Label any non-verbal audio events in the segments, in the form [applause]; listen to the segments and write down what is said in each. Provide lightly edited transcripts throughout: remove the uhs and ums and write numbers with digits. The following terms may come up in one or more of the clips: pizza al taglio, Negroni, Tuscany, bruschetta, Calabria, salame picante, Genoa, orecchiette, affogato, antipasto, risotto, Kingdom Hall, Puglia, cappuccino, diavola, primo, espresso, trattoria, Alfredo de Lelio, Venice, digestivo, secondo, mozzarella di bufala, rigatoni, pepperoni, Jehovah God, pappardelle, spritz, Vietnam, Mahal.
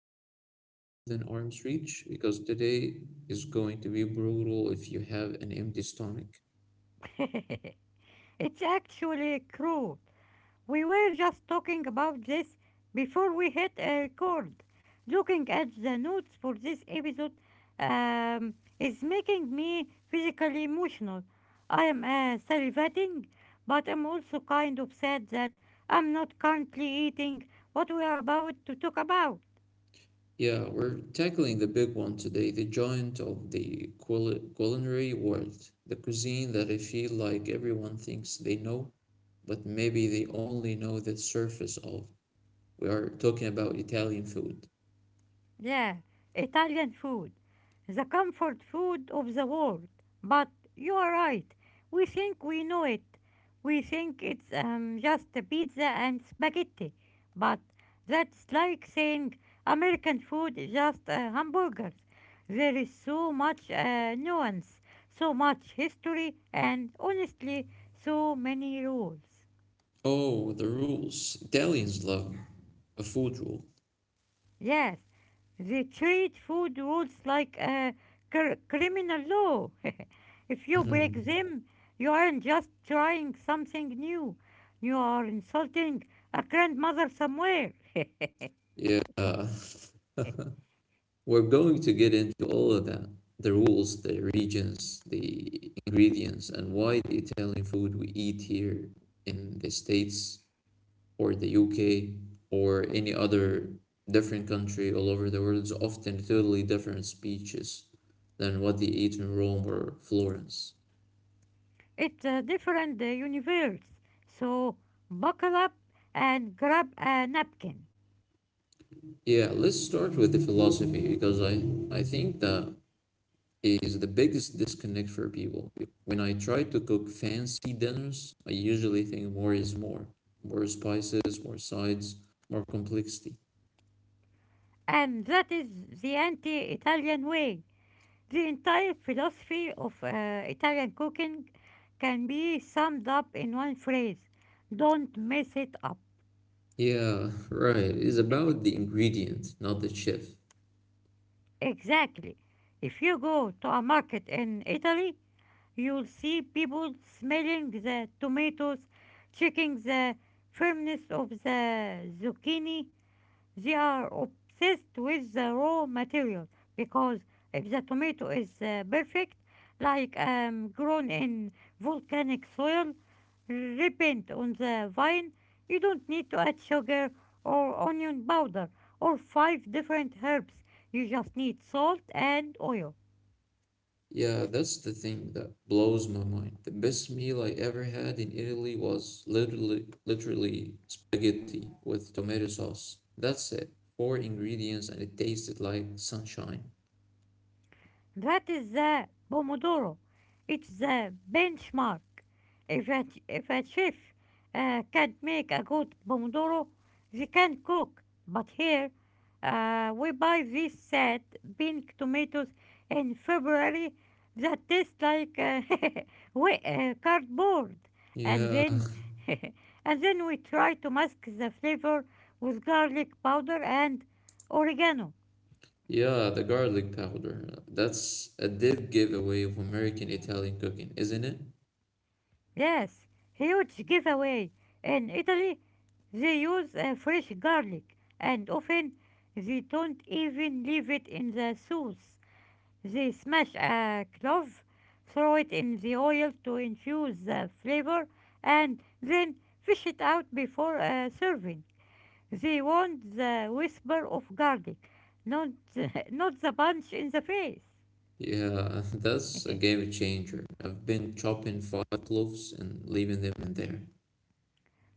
you have a snack within arm's reach because today is going to be brutal if you have an empty stomach. [laughs] It's actually cruel. We were just talking about this before we hit a record. Looking at the notes for this episode is making me physically emotional. I am salivating, but I'm also kind of sad that I'm not currently eating what we are about to talk about. Yeah, we're tackling the big one today, the giant of the culinary world, the cuisine that I feel like everyone thinks they know, but maybe they only know the surface of. We are talking about Italian food. Yeah, Italian food, the comfort food of the world. But you are right. We think we know it. We think it's just a pizza and spaghetti. But that's like saying American food is just hamburgers. There is so much nuance, so much history, and honestly, so many rules. Oh, the rules. Italians love a food rule. Yes, they treat food rules like criminal law. [laughs] If you break Mhm. them, you aren't just trying something new, you are insulting a grandmother somewhere. [laughs] Yeah, [laughs] we're going to get into all of that. The rules, the regions, the ingredients, and why the Italian food we eat here in the States or the UK or any other different country all over the world is often totally different speeches than what they eat in Rome or Florence. It's a different universe. So buckle up and grab a napkin. Yeah, let's start with the philosophy because I think that is the biggest disconnect for people. When I try to cook fancy dinners, I usually think more is more. More spices, more sides, more complexity. And that is the anti Italian way. The entire philosophy of Italian cooking can be summed up in one phrase, don't mess it up. Yeah, right. It's about [laughs] the ingredient, not the chef. Exactly. If you go to a market in Italy, you'll see people smelling the tomatoes, checking the firmness of the zucchini. They are obsessed with the raw material because if the tomato is perfect, like grown in volcanic soil, ripened on the vine, you don't need to add sugar or onion powder or five different herbs. You just need salt and oil. Yeah, that's the thing that blows my mind. The best meal I ever had in Italy was literally spaghetti with tomato sauce. That's it. Four ingredients and it tasted like sunshine. That is the Pomodoro. It's the benchmark. If a chef can't make a good Pomodoro, they can't cook. But here, we buy these sad pink tomatoes in February that taste like [laughs] cardboard. And Yeah, then, [laughs] [laughs] and then we try to mask the flavor with garlic powder and oregano. Yeah, the garlic powder. That's a dead giveaway of American Italian cooking, isn't it? Yes, huge giveaway. In Italy, they use fresh garlic, and often they don't even leave it in the sauce. They smash a clove, throw it in the oil to infuse the flavor, and then fish it out before serving. They want the whisper of garlic, not [laughs] not the punch in the face. Yeah, [laughs] that's a [laughs] game changer. I've been chopping five cloves and leaving them in there.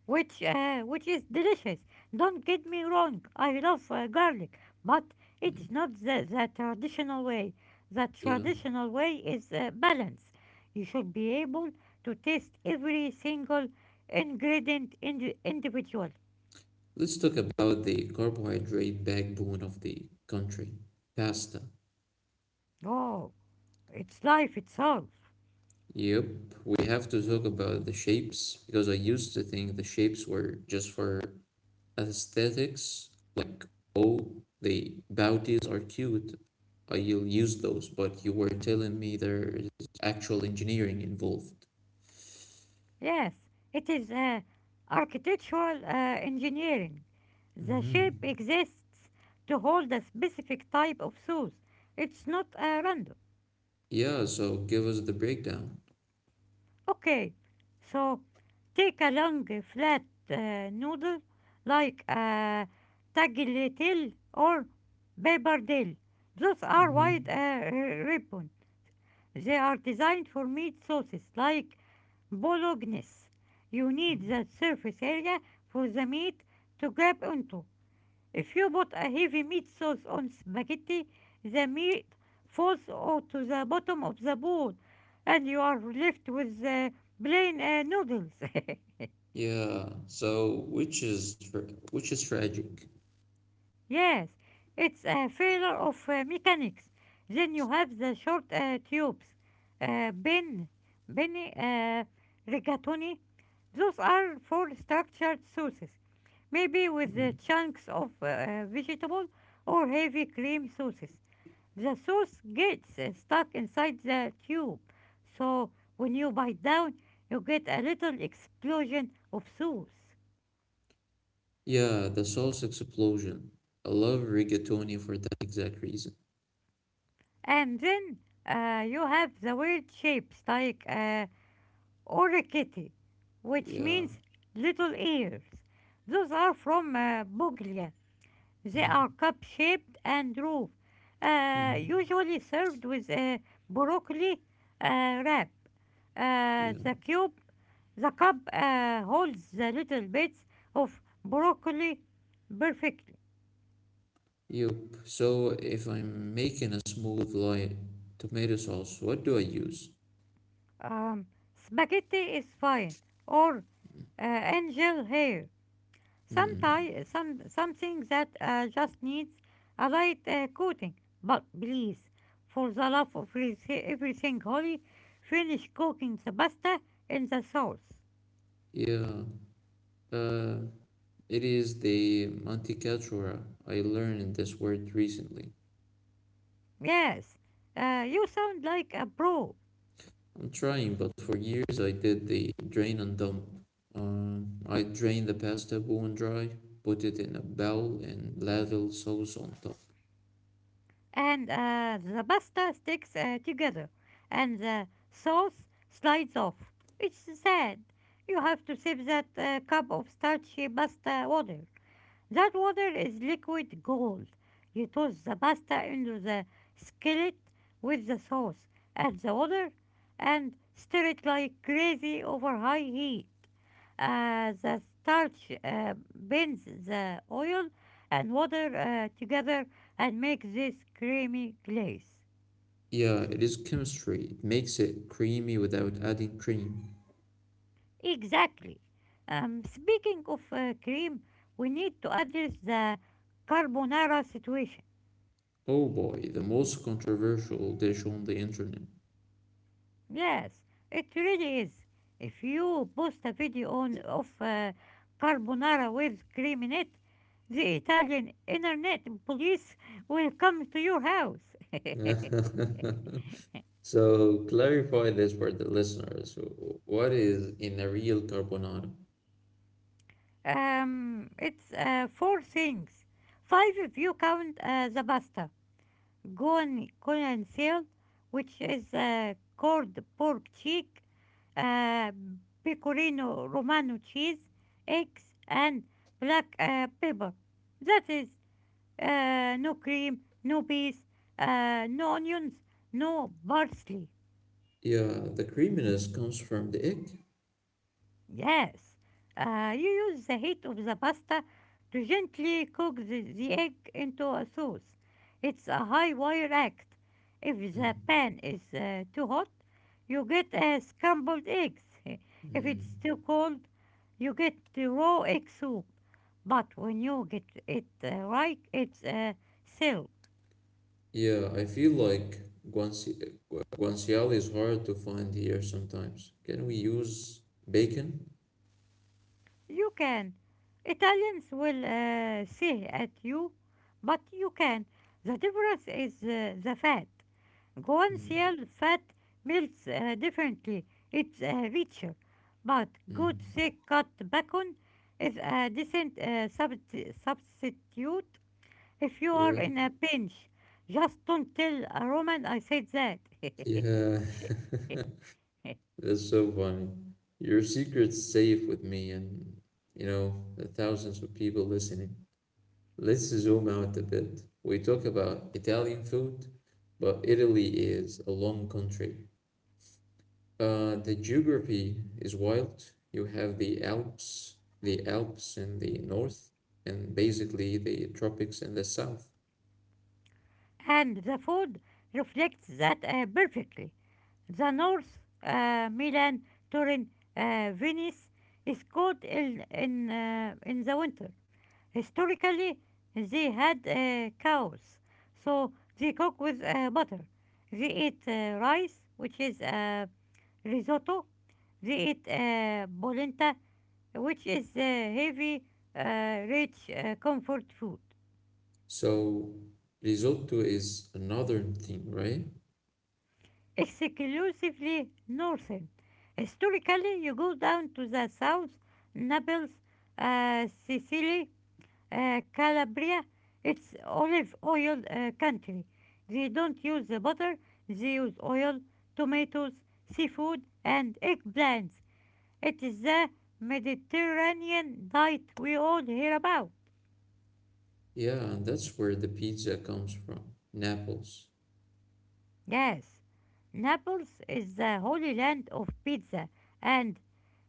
Which which is delicious. Don't get me wrong, I love garlic, but Mm. it is not the traditional way. The Yeah. traditional way is balance. You should be able to taste every single individual. Let's talk about the carbohydrate backbone of the country, pasta. Oh, it's life itself. Yep, we have to talk about the shapes because I used to think the shapes were just for aesthetics, like, oh, the bounties are cute. You will use those, but you were telling me there is actual engineering involved. Yes, it is architectural engineering. The shape Mm-hmm. exists to hold a specific type of sauce. It's not random. Yeah, so give us the breakdown. Okay, so take a long flat noodle like a tagliatelle or pappardelle. Those are wide Mm-hmm. Ribbon. They are designed for meat sauces like bolognese. You need that surface area for the meat to grab onto. If you put a heavy meat sauce on spaghetti, the meat falls out to the bottom of the bowl and you are left with the plain noodles. [laughs] Yeah, so which is tragic. Yes, it's a failure of mechanics. Then you have the short tubes. Uh, ben, Benny, uh, rigatoni. Those are for structured sauces, maybe with Mm-hmm. the chunks of vegetable or heavy cream sauces. The sauce gets stuck inside the tube. So when you bite down, you get a little explosion of sauce. Yeah, the Souls explosion. I love rigatoni for that exact reason. And then you have the weird shapes like orecchity, which Yeah. means little ears. Those are from Buglia. They are cup-shaped and roofed, Mm-hmm. usually served with a broccoli wrap. Yeah. The cube. The cup holds the little bits of broccoli perfectly. Yup. So if I'm making a smooth light tomato sauce, what do I use? Um, spaghetti is fine, or angel hair. Hmm. Something that just needs a light coating. But please, for the love of everything holy, finish cooking the pasta in the sauce. Yeah. Uh, it is the manticatura. I learned this word recently. Yes, you sound like a pro. I'm trying, but for years I did the drain and dump. I drain the pasta bone dry, put it in a bowl, and ladle sauce on top. And the pasta sticks together and the sauce slides off. It's sad. You have to sip that cup of starchy pasta water. That water is liquid gold. You toss the pasta into the skillet with the sauce, add the water, and stir it like crazy over high heat. The starch bends the oil and water together and makes this creamy glaze. Yeah, it is chemistry. It makes it creamy without adding cream. Exactly. Speaking of cream, we need to address the carbonara situation. Oh boy, the most controversial dish on the internet. Yes, it really is. If you post a video on of carbonara with cream in it, the Italian internet police will come to your house. [laughs] [laughs] So clarify this for the listeners. What is in a real carbonara? It's four things. Five if you count the pasta, gone conceal, which is cold pork cheek, uh, pecorino romano cheese, eggs, and black pepper. That is no cream, no peas, no onions, no parsley. Yeah, the creaminess comes from the egg. Yes, you use the heat of the pasta to gently cook the egg into a sauce. It's a high wire act. If the Mm. pan is too hot, you get scrambled eggs. [laughs] If Mm. it's too cold, you get the raw egg soup. But when you get it right, it's silk. Yeah, I feel like guanci guanciale is hard to find here sometimes. Can we use bacon? You can. Italians will say at you, but you can. The difference is the fat. Mm. Guanciale fat melts differently. It's richer, but Mm. good thick cut bacon is a decent substitute if you are Yeah, in a pinch. Just don't tell a Roman I said that. yeah. [laughs] [laughs] That's so funny. Your secret's safe with me and the thousands of people listening. Let's zoom out a bit. We talk about Italian food, but Italy is a long country. The geography is wild. You have the Alps in the north, and basically the tropics in the south. And the food reflects that perfectly. The north, Milan, Turin, Venice is cold in the winter. Historically, they had cows, so they cook with butter. They eat rice, which is risotto. They eat polenta, which is heavy, rich comfort food. So risotto is a northern thing, right? Exclusively northern. Historically, you go down to the south, Naples, Sicily, uh, Calabria, it's olive oil country. They don't use the butter, they use oil, tomatoes, seafood, and eggplants. It is the Mediterranean diet we all hear about. Yeah, and that's where the pizza comes from, Naples. Yes, Naples is the holy land of pizza and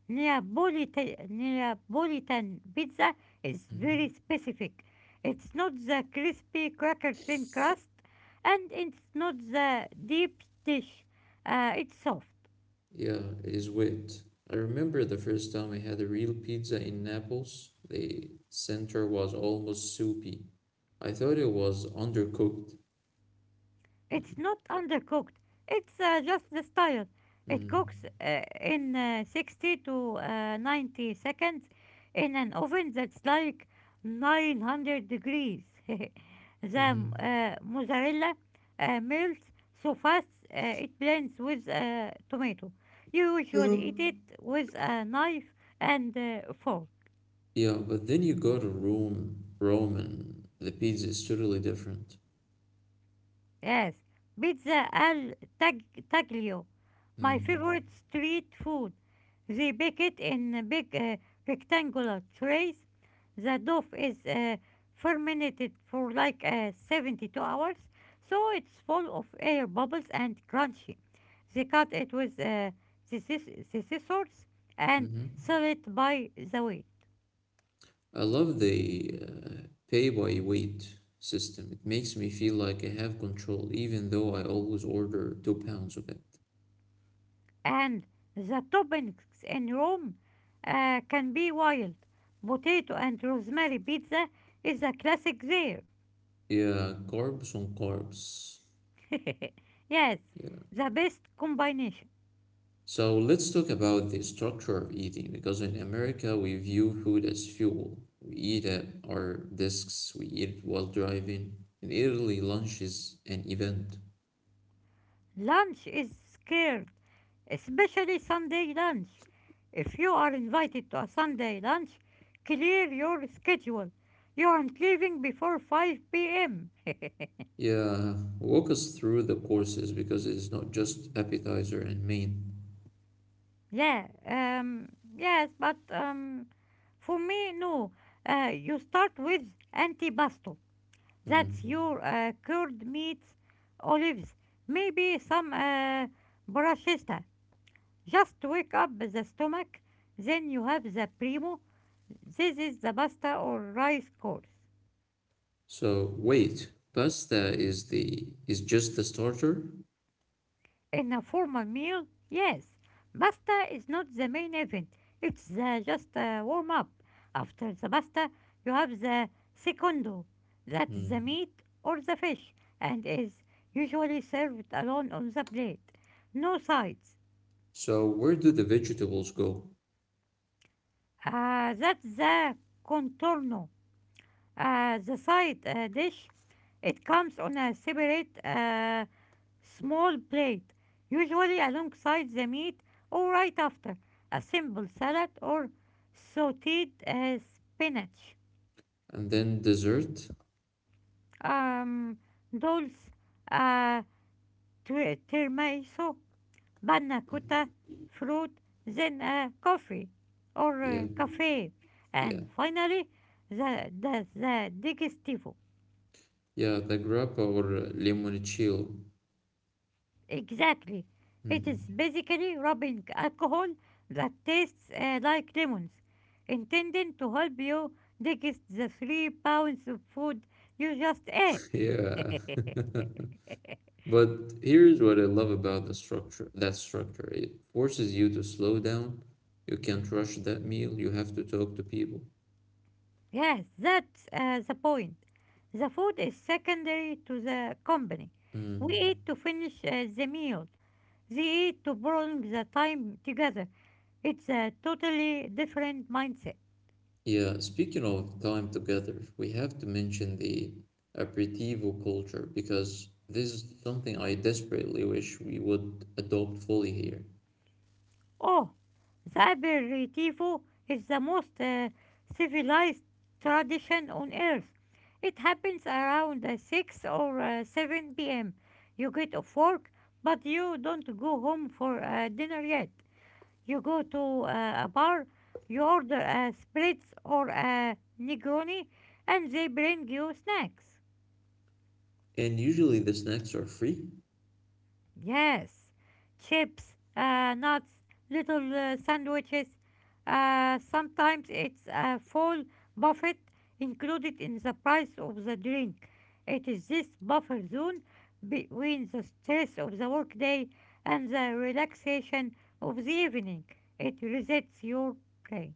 Neapolitan pizza is very Mhm. specific. It's not the crispy cracker thin crust, and it's not the deep dish. It's soft. Yeah, it is wet. I remember the first time I had a real pizza in Naples, the center was almost soupy. I thought it was undercooked. It's not undercooked. It's just the style. It Mm. cooks in 60 to 90 seconds in an oven that's like 900 degrees. [laughs] The Mhm. Mozzarella melts so fast it blends with tomato. You Yeah. usually eat it with a knife and fork. Yeah, but then you go to Rome, and the pizza is totally different. Yes, pizza al tag taglio, my Mm. favorite street food. They bake it in big rectangular trays. The dough is fermented for like 72 hours, so it's full of air bubbles and crunchy. They cut it with the scissors and Hmm. sell it by the way. I love the pay by weight system. It makes me feel like I have control, even though I always order 2 pounds of it. And the toppings in Rome can be wild. Potato and rosemary pizza is a classic there. Yeah, carbs on carbs. [laughs] Yes, Yeah. the best combination. So let's talk about the structure of eating because in America we view food as fuel. We eat at our desks, we eat while driving, and early lunch is an event. Lunch is scared, especially Sunday lunch. If you are invited to a Sunday lunch, clear your schedule. You aren't leaving before 5 p.m. [laughs] Yeah, walk us through the courses because it is not just appetizer and main. yeah, yes, but For me, no. You start with antipasto. That's Mm. your cured meats, olives, maybe some bruschetta. Just wake up the stomach. Then you have the primo. This is the pasta or rice course. So wait, pasta is the is just the starter? In a formal meal, yes. Pasta is not the main event. It's the just a warm up. After the pasta, you have the secondo. That's the Mm. meat or the fish, and is usually served alone on the plate. No sides. So where do the vegetables go? That's the contorno. The side dish. It comes on a separate small plate, usually alongside the meat or right after, a simple salad or sauteed spinach. And then dessert? Um, dolce, uh, tiramisu, panna cotta, fruit, then a coffee or Yeah. Cafe, Yeah, and finally the digestivo. yeah, the grappa or limoncello. Exactly. It is Mhm. basically rubbing alcohol that tastes like lemons, intending to help you digest the 3 pounds of food you just ate. Yeah. [laughs] [laughs] But here's what I love about the structure, that structure. It forces you to slow down. You can't rush that meal. You have to talk to people. Yes, that's the point. The food is secondary to the company. We eat Mm. to finish the meal. They eat to prolong the time together. It's a totally different mindset. Yeah, speaking of time together, we have to mention the aperitivo culture because this is something I desperately wish we would adopt fully here. Oh, the aperitivo is the most civilized tradition on earth. It happens around 6 or 7 p.m. You get off work, but you don't go home for dinner yet. You go to a bar, you order a spritz or a Negroni, and they bring you snacks. And usually the snacks are free. Yes, chips, nuts, little sandwiches. Sometimes it's a full buffet included in the price of the drink. It is this buffer zone between the stress of the workday and the relaxation of the evening. It resets your brain.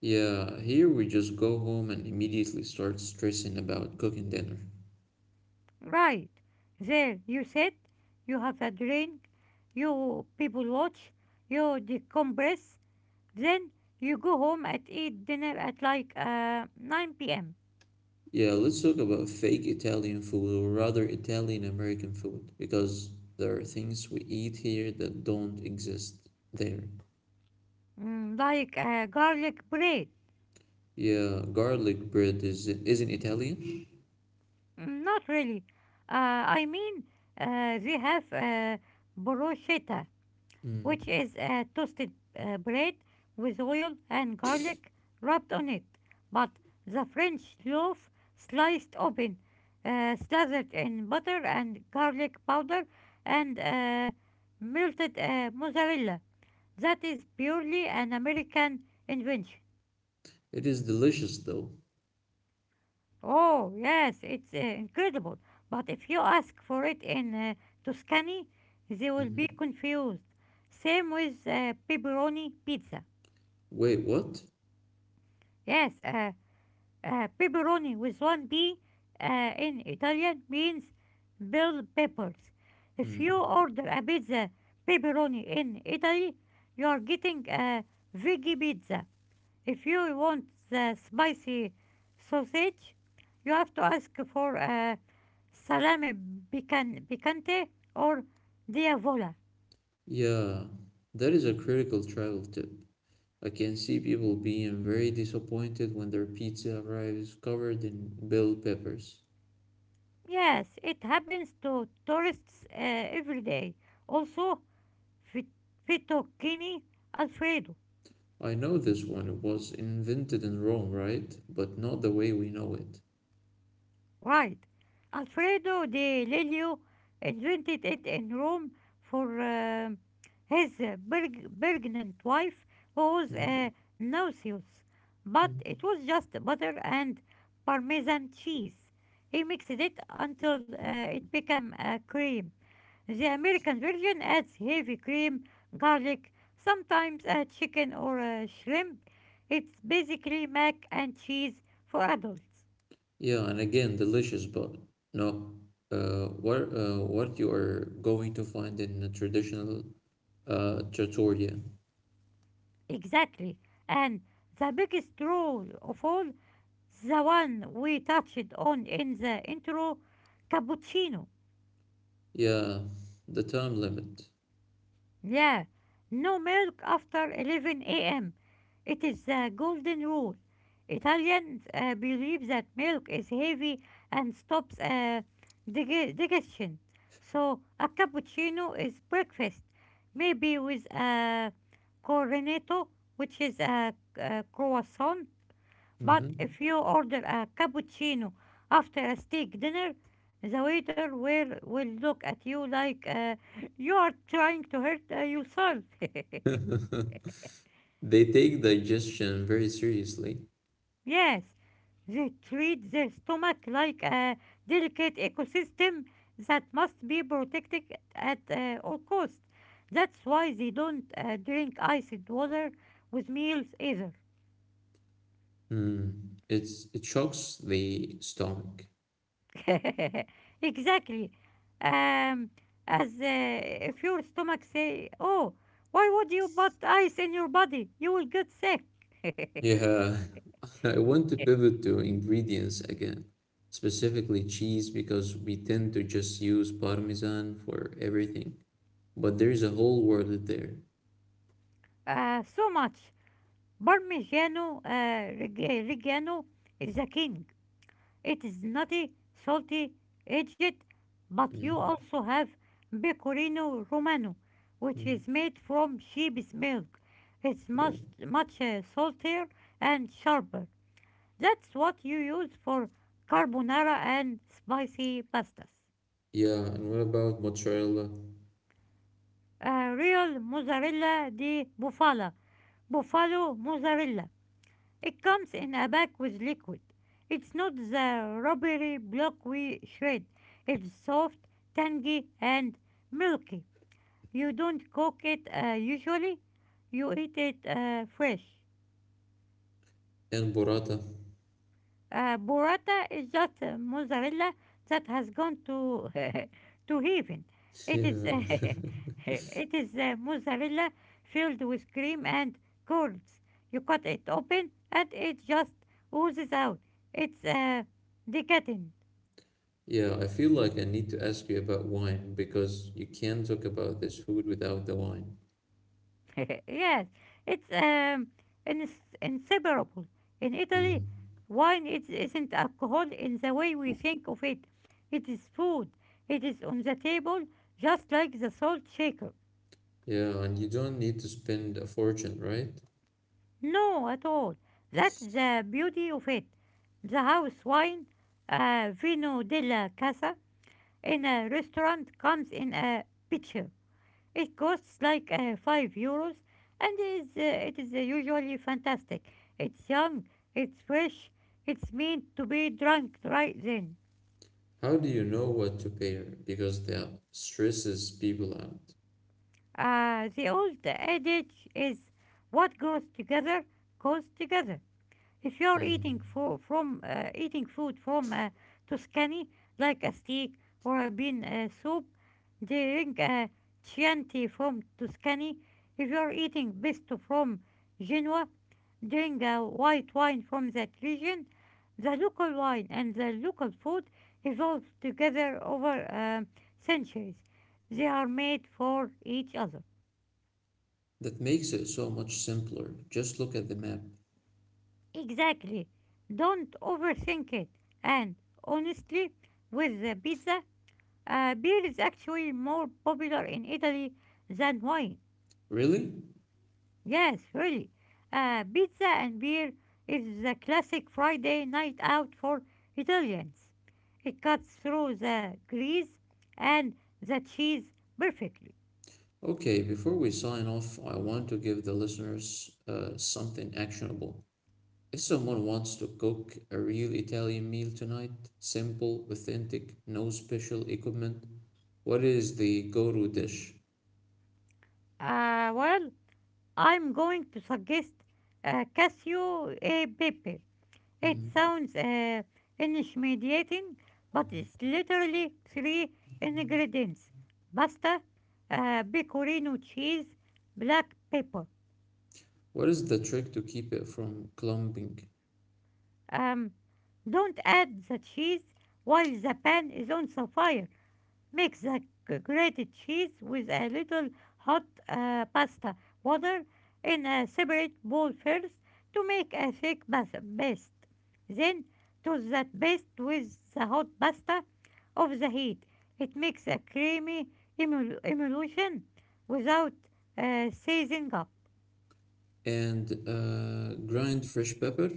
Yeah, here we just go home and immediately start stressing about cooking dinner. Right. There, you sit, you have a drink, you people watch, you decompress. Then you go home and eat dinner at like 9 p.m. Yeah, let's talk about fake Italian food or rather Italian American food because there are things we eat here that don't exist there. Mm, like garlic bread. Yeah, garlic bread is isn't Italian. Mm, not really. I mean, they have bruschetta, which Mm. is toasted bread with oil and garlic rubbed on it. But the French loaf sliced open, slathered in butter and garlic powder and melted mozzarella. That is purely an American invention. It is delicious though. Oh, yes, it's incredible. But if you ask for it in Tuscany, they will Hmm. be confused. Same with pepperoni pizza. Wait, what? Yes, pepperoni with one P in Italian means bell peppers. If Mm. you order a pizza pepperoni in Italy, you are getting a veggie pizza. If you want the spicy sausage, you have to ask for salame picante or diavola. Yeah, that is a critical travel tip. I can see people being very disappointed when their pizza arrives covered in bell peppers. Yes, it happens to tourists every day. Also, fit- fettuccine alfredo. I know this one was invented in Rome, right? But not the way we know it. Right. Alfredo de Lelio invented it in Rome for his pregnant wife, who was Mm. a nauseous. But Mm. it was just butter and Parmesan cheese. He mixed it until it became a cream. The American version adds heavy cream, garlic, sometimes a chicken or a shrimp. It's basically mac and cheese for adults. Yeah, and again, delicious, but no. What you are going to find in a traditional trattoria? Exactly. And the biggest rule of all, the one we touched on in the intro, cappuccino. Yeah, the time limit. Yeah, no milk after 11 a.m. It is the golden rule. Italians believe that milk is heavy and stops digestion. So a cappuccino is breakfast, maybe with a cornetto, which is a croissant. But Hmm. if you order a cappuccino after a steak dinner, the waiter will look at you like you are trying to hurt yourself. [laughs] They take digestion very seriously. [laughs] Yes, they treat their stomach like a delicate ecosystem that must be protected at all costs. That's why they don't drink iced water with meals either. Hmm. It shocks the stomach. [laughs] Exactly. Um, as if your stomach say, "Oh, why would you put ice in your body? You will get sick." [laughs] Yeah, [laughs] I want to pivot to ingredients again, specifically cheese, because we tend to just use Parmesan for everything, but there's a whole world there. So much. Parmigiano Reggiano is a king. It is nutty, salty, aged, but you Mm. also have Pecorino Romano, which Mm. is made from sheep's milk. It's Yeah. much saltier and sharper. That's what you use for carbonara and spicy pastas. Yeah, and what about mozzarella Real mozzarella di bufala, buffalo mozzarella. It comes in a bag with liquid. It's not the rubbery block we shred. It's soft, tangy, and milky. You don't cook it usually, you eat it fresh. and burrata? [laughs] Burrata is just mozzarella that has gone to [laughs] to heaven. It is [laughs] Yeah. [laughs] it is mozzarella filled with cream and curds. You cut it open and it just oozes out. It's decadent. Yeah, I feel like I need to ask you about wine because you can't talk about this food without the wine. [laughs] Yes, it's inseparable. In Italy, Mm. Isn't alcohol in the way we think of it. It is food. It is on the table, just like the salt shaker. Yeah, and you don't need to spend a fortune, right? No, at all. That's the beauty of it. The house wine, Vino della Casa, in a restaurant comes in a pitcher. It costs like 5 euros and it is usually fantastic. It's young, it's fresh, it's meant to be drunk right then. How do you know what to pay her? Because that stresses people out. The old adage is what goes together goes together. If you're Mm. eating fo- from eating food from Tuscany, like a steak or a bean soup, drink a Chianti from Tuscany. If you're eating pesto from Genoa, drink a white wine from that region. The local wine and the local food evolved together over centuries. They are made for each other. That makes it so much simpler. Just look at the map. Exactly. Don't overthink it. And honestly, with the pizza, beer is actually more popular in Italy than wine. Really? Yes, really. Pizza and beer is the classic Friday night out for Italians. It cuts through the grease and the cheese perfectly. Okay, before we sign off, I want to give the listeners something actionable. If someone wants to cook a real Italian meal tonight, simple, authentic, no special equipment, what is the go-to dish? Uh, well, I'm going to suggest Casio e Pepe. It Mm. sounds intimidating, but it's literally three ingredients: pasta, pecorino cheese, black pepper. What is the trick to keep it from clumping? Um, don't add the cheese while the pan is on the fire. Mix the grated cheese with a little hot pasta water in a separate bowl first to make a paste. Then toss that paste with the hot pasta of the heat. It makes a creamy emulsion without seizing up. And grind fresh pepper.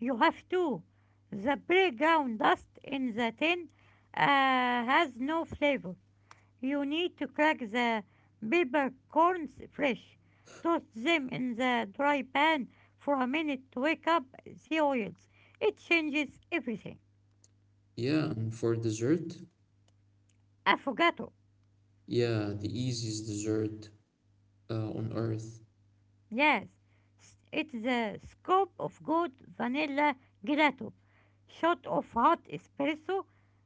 You have to. The background dust in the tin has no flavor. You need to crack the peppercorns fresh. Toast them in the dry pan for a minute to wake up the oils. It changes everything. Yeah, and for dessert, Affogato. yeah, the easiest dessert on earth. Yes, it's the scoop of good vanilla gelato. Shot of hot espresso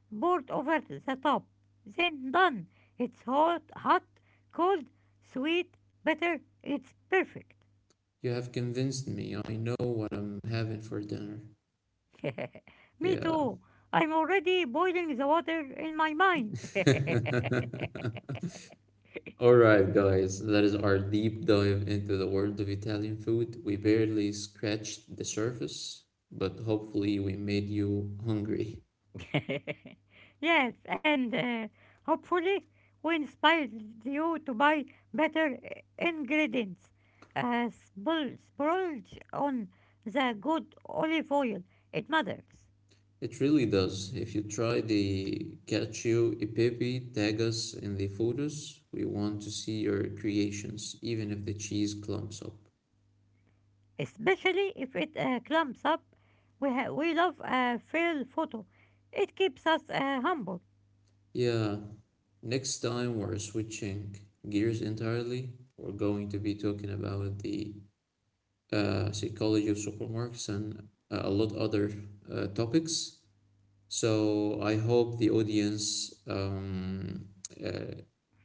poured over the top. Then done. It's hot, hot, cold, sweet, bitter. It's perfect. You have convinced me. I know what I'm having for dinner. [laughs] Me Yeah. too. I'm already boiling the water in my mind. [laughs] [laughs] All right, guys, that is our deep dive into the world of Italian food. We barely scratched the surface, but hopefully, we made you hungry. Yes, and hopefully we inspired you to buy better ingredients. Splurge on the good olive oil. It matters, It really does. If you try the Cacio e Pepe, tag us in the photos. We want to see your creations, even if the cheese clumps up. especially if it clumps up. We love a fail photo. It keeps us humble Yeah, next time we're switching gears entirely. We're going to be talking about the psychology of supermarkets and a lot other topics. So I hope the audience, uh,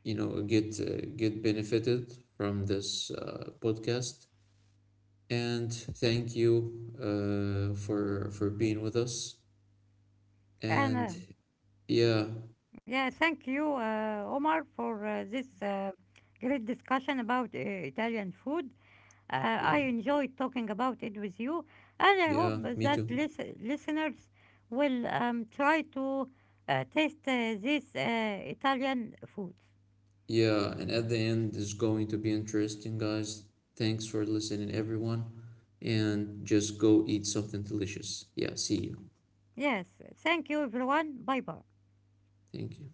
get benefited from this podcast. And thank you for being with us. and And yeah, yeah, thank you, Omar, for this great discussion about Italian food. I yeah, enjoyed talking about it with you, and I hope yeah, me that too. Listeners will try to taste this Italian food. Yeah, and at the end, it's going to be interesting, guys. Thanks for listening, everyone. And just go eat something delicious. Yeah, see you. Yes, thank you, everyone. Bye bye. Thank you.